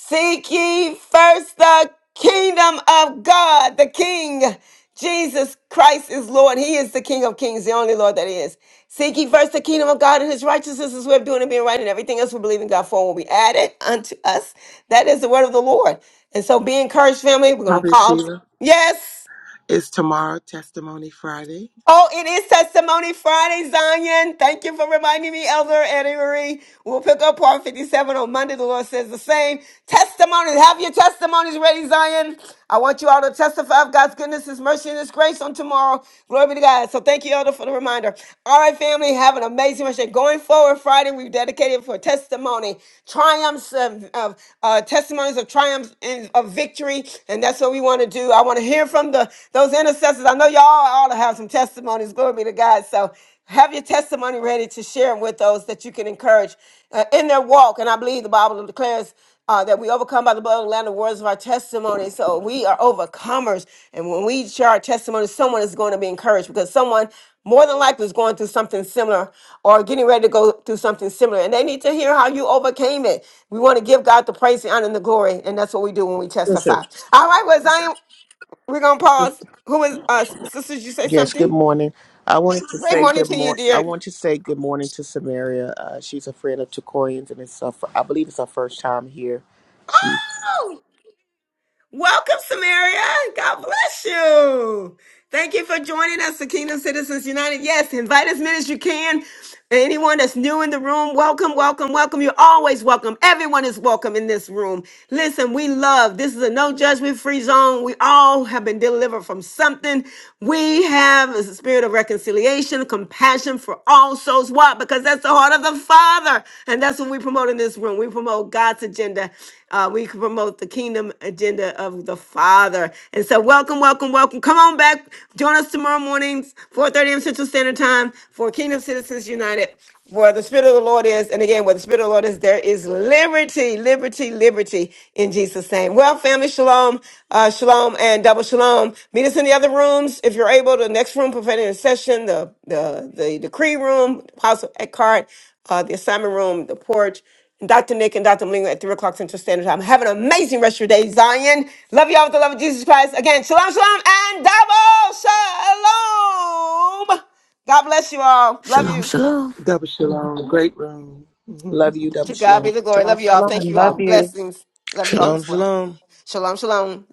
A: Seek ye first the kingdom of God, the King. Jesus Christ is Lord. He is the King of Kings, the only Lord that is. Seek ye first the kingdom of God and his righteousness is way of doing and being right, and everything else we believe in God for will be added unto us. That is the word of the Lord. And so be encouraged, family. We're gonna pause. Yes. Oh, it is Testimony Friday, Zion. Thank you for reminding me, Elder Eddie Marie. We'll pick up part 57 on Monday. The Lord says the same. Testimonies. Have your testimonies ready, Zion. I want you all to testify of God's goodness, His mercy, and His grace on tomorrow. Glory be to God. So thank you, Elder, for the reminder. All right, family, have an amazing rest. of your- day. Going forward, Friday, we've dedicated for testimony, triumphs of, of uh, testimonies of triumphs and of victory, and that's what we want to do. I want to hear from the those intercessors. I know y'all all have some testimonies. Glory be to God. So have your testimony ready to share with those that you can encourage uh, in their walk. And I believe the Bible declares uh, that we overcome by the blood of the Lamb, the words of our testimony. So we are overcomers. And when we share our testimony, someone is going to be encouraged because someone more than likely is going through something similar or getting ready to go through something similar. And they need to hear how you overcame it. We want to give God the praise, the honor, and the glory. And that's what we do when we
M: Yes, sir.
A: testify. All right, well, Zion, we're going to pause. Who is, uh, sisters, you say
M: Yes, good
A: something?
M: morning. I wanted to
A: Great
M: say
A: morning
M: good
A: to you,
M: morning. I
A: dear.
M: want to say good morning to Samaria. Uh, she's a friend of Tukorian's, and it's her, fir- I believe it's her first time here. She
A: Oh! Welcome, Samaria. God bless you. Thank you for joining us, the Kingdom Citizens United. Yes, invite as many as you can. Anyone that's new in the room, welcome, welcome, welcome. You're always welcome. Everyone is welcome in this room. Listen, we love this is a no judgment free zone. We all have been delivered from something. We have a spirit of reconciliation, compassion for all souls. Why? Because that's the heart of the Father. And that's what we promote in this room. We promote God's agenda uh, we can promote the kingdom agenda of the Father. And so, welcome, welcome, welcome. Come on back. Join us tomorrow mornings, 4:30 a.m. Central Standard Time for Kingdom Citizens United, where the Spirit of the Lord is. And again, where the Spirit of the Lord is, there is liberty, liberty, liberty in Jesus' name. Well, family, shalom, uh, shalom, and double shalom. Meet us in the other rooms if you're able. The next room, prophetic intercession, the the the decree room, Apostle Eckhart, uh, the assignment room, the porch. Dr. Nick and Dr. Malingo at 3 o'clock Central Standard Time. Have an amazing rest of your day, Zion. Love y'all with the love of Jesus Christ. Again, shalom, shalom, and double shalom. God bless you all. Love
N: Shalom,
A: you.
N: shalom.
D: Shalom. Great
M: love you, W
A: To God be
M: Shalom.
A: the glory. Love you all.
F: shalom.
A: Thank you
F: Love
A: all.
F: you.
A: Blessings. Love you all
H: Shalom,
A: as well.
H: shalom.
A: Shalom, shalom.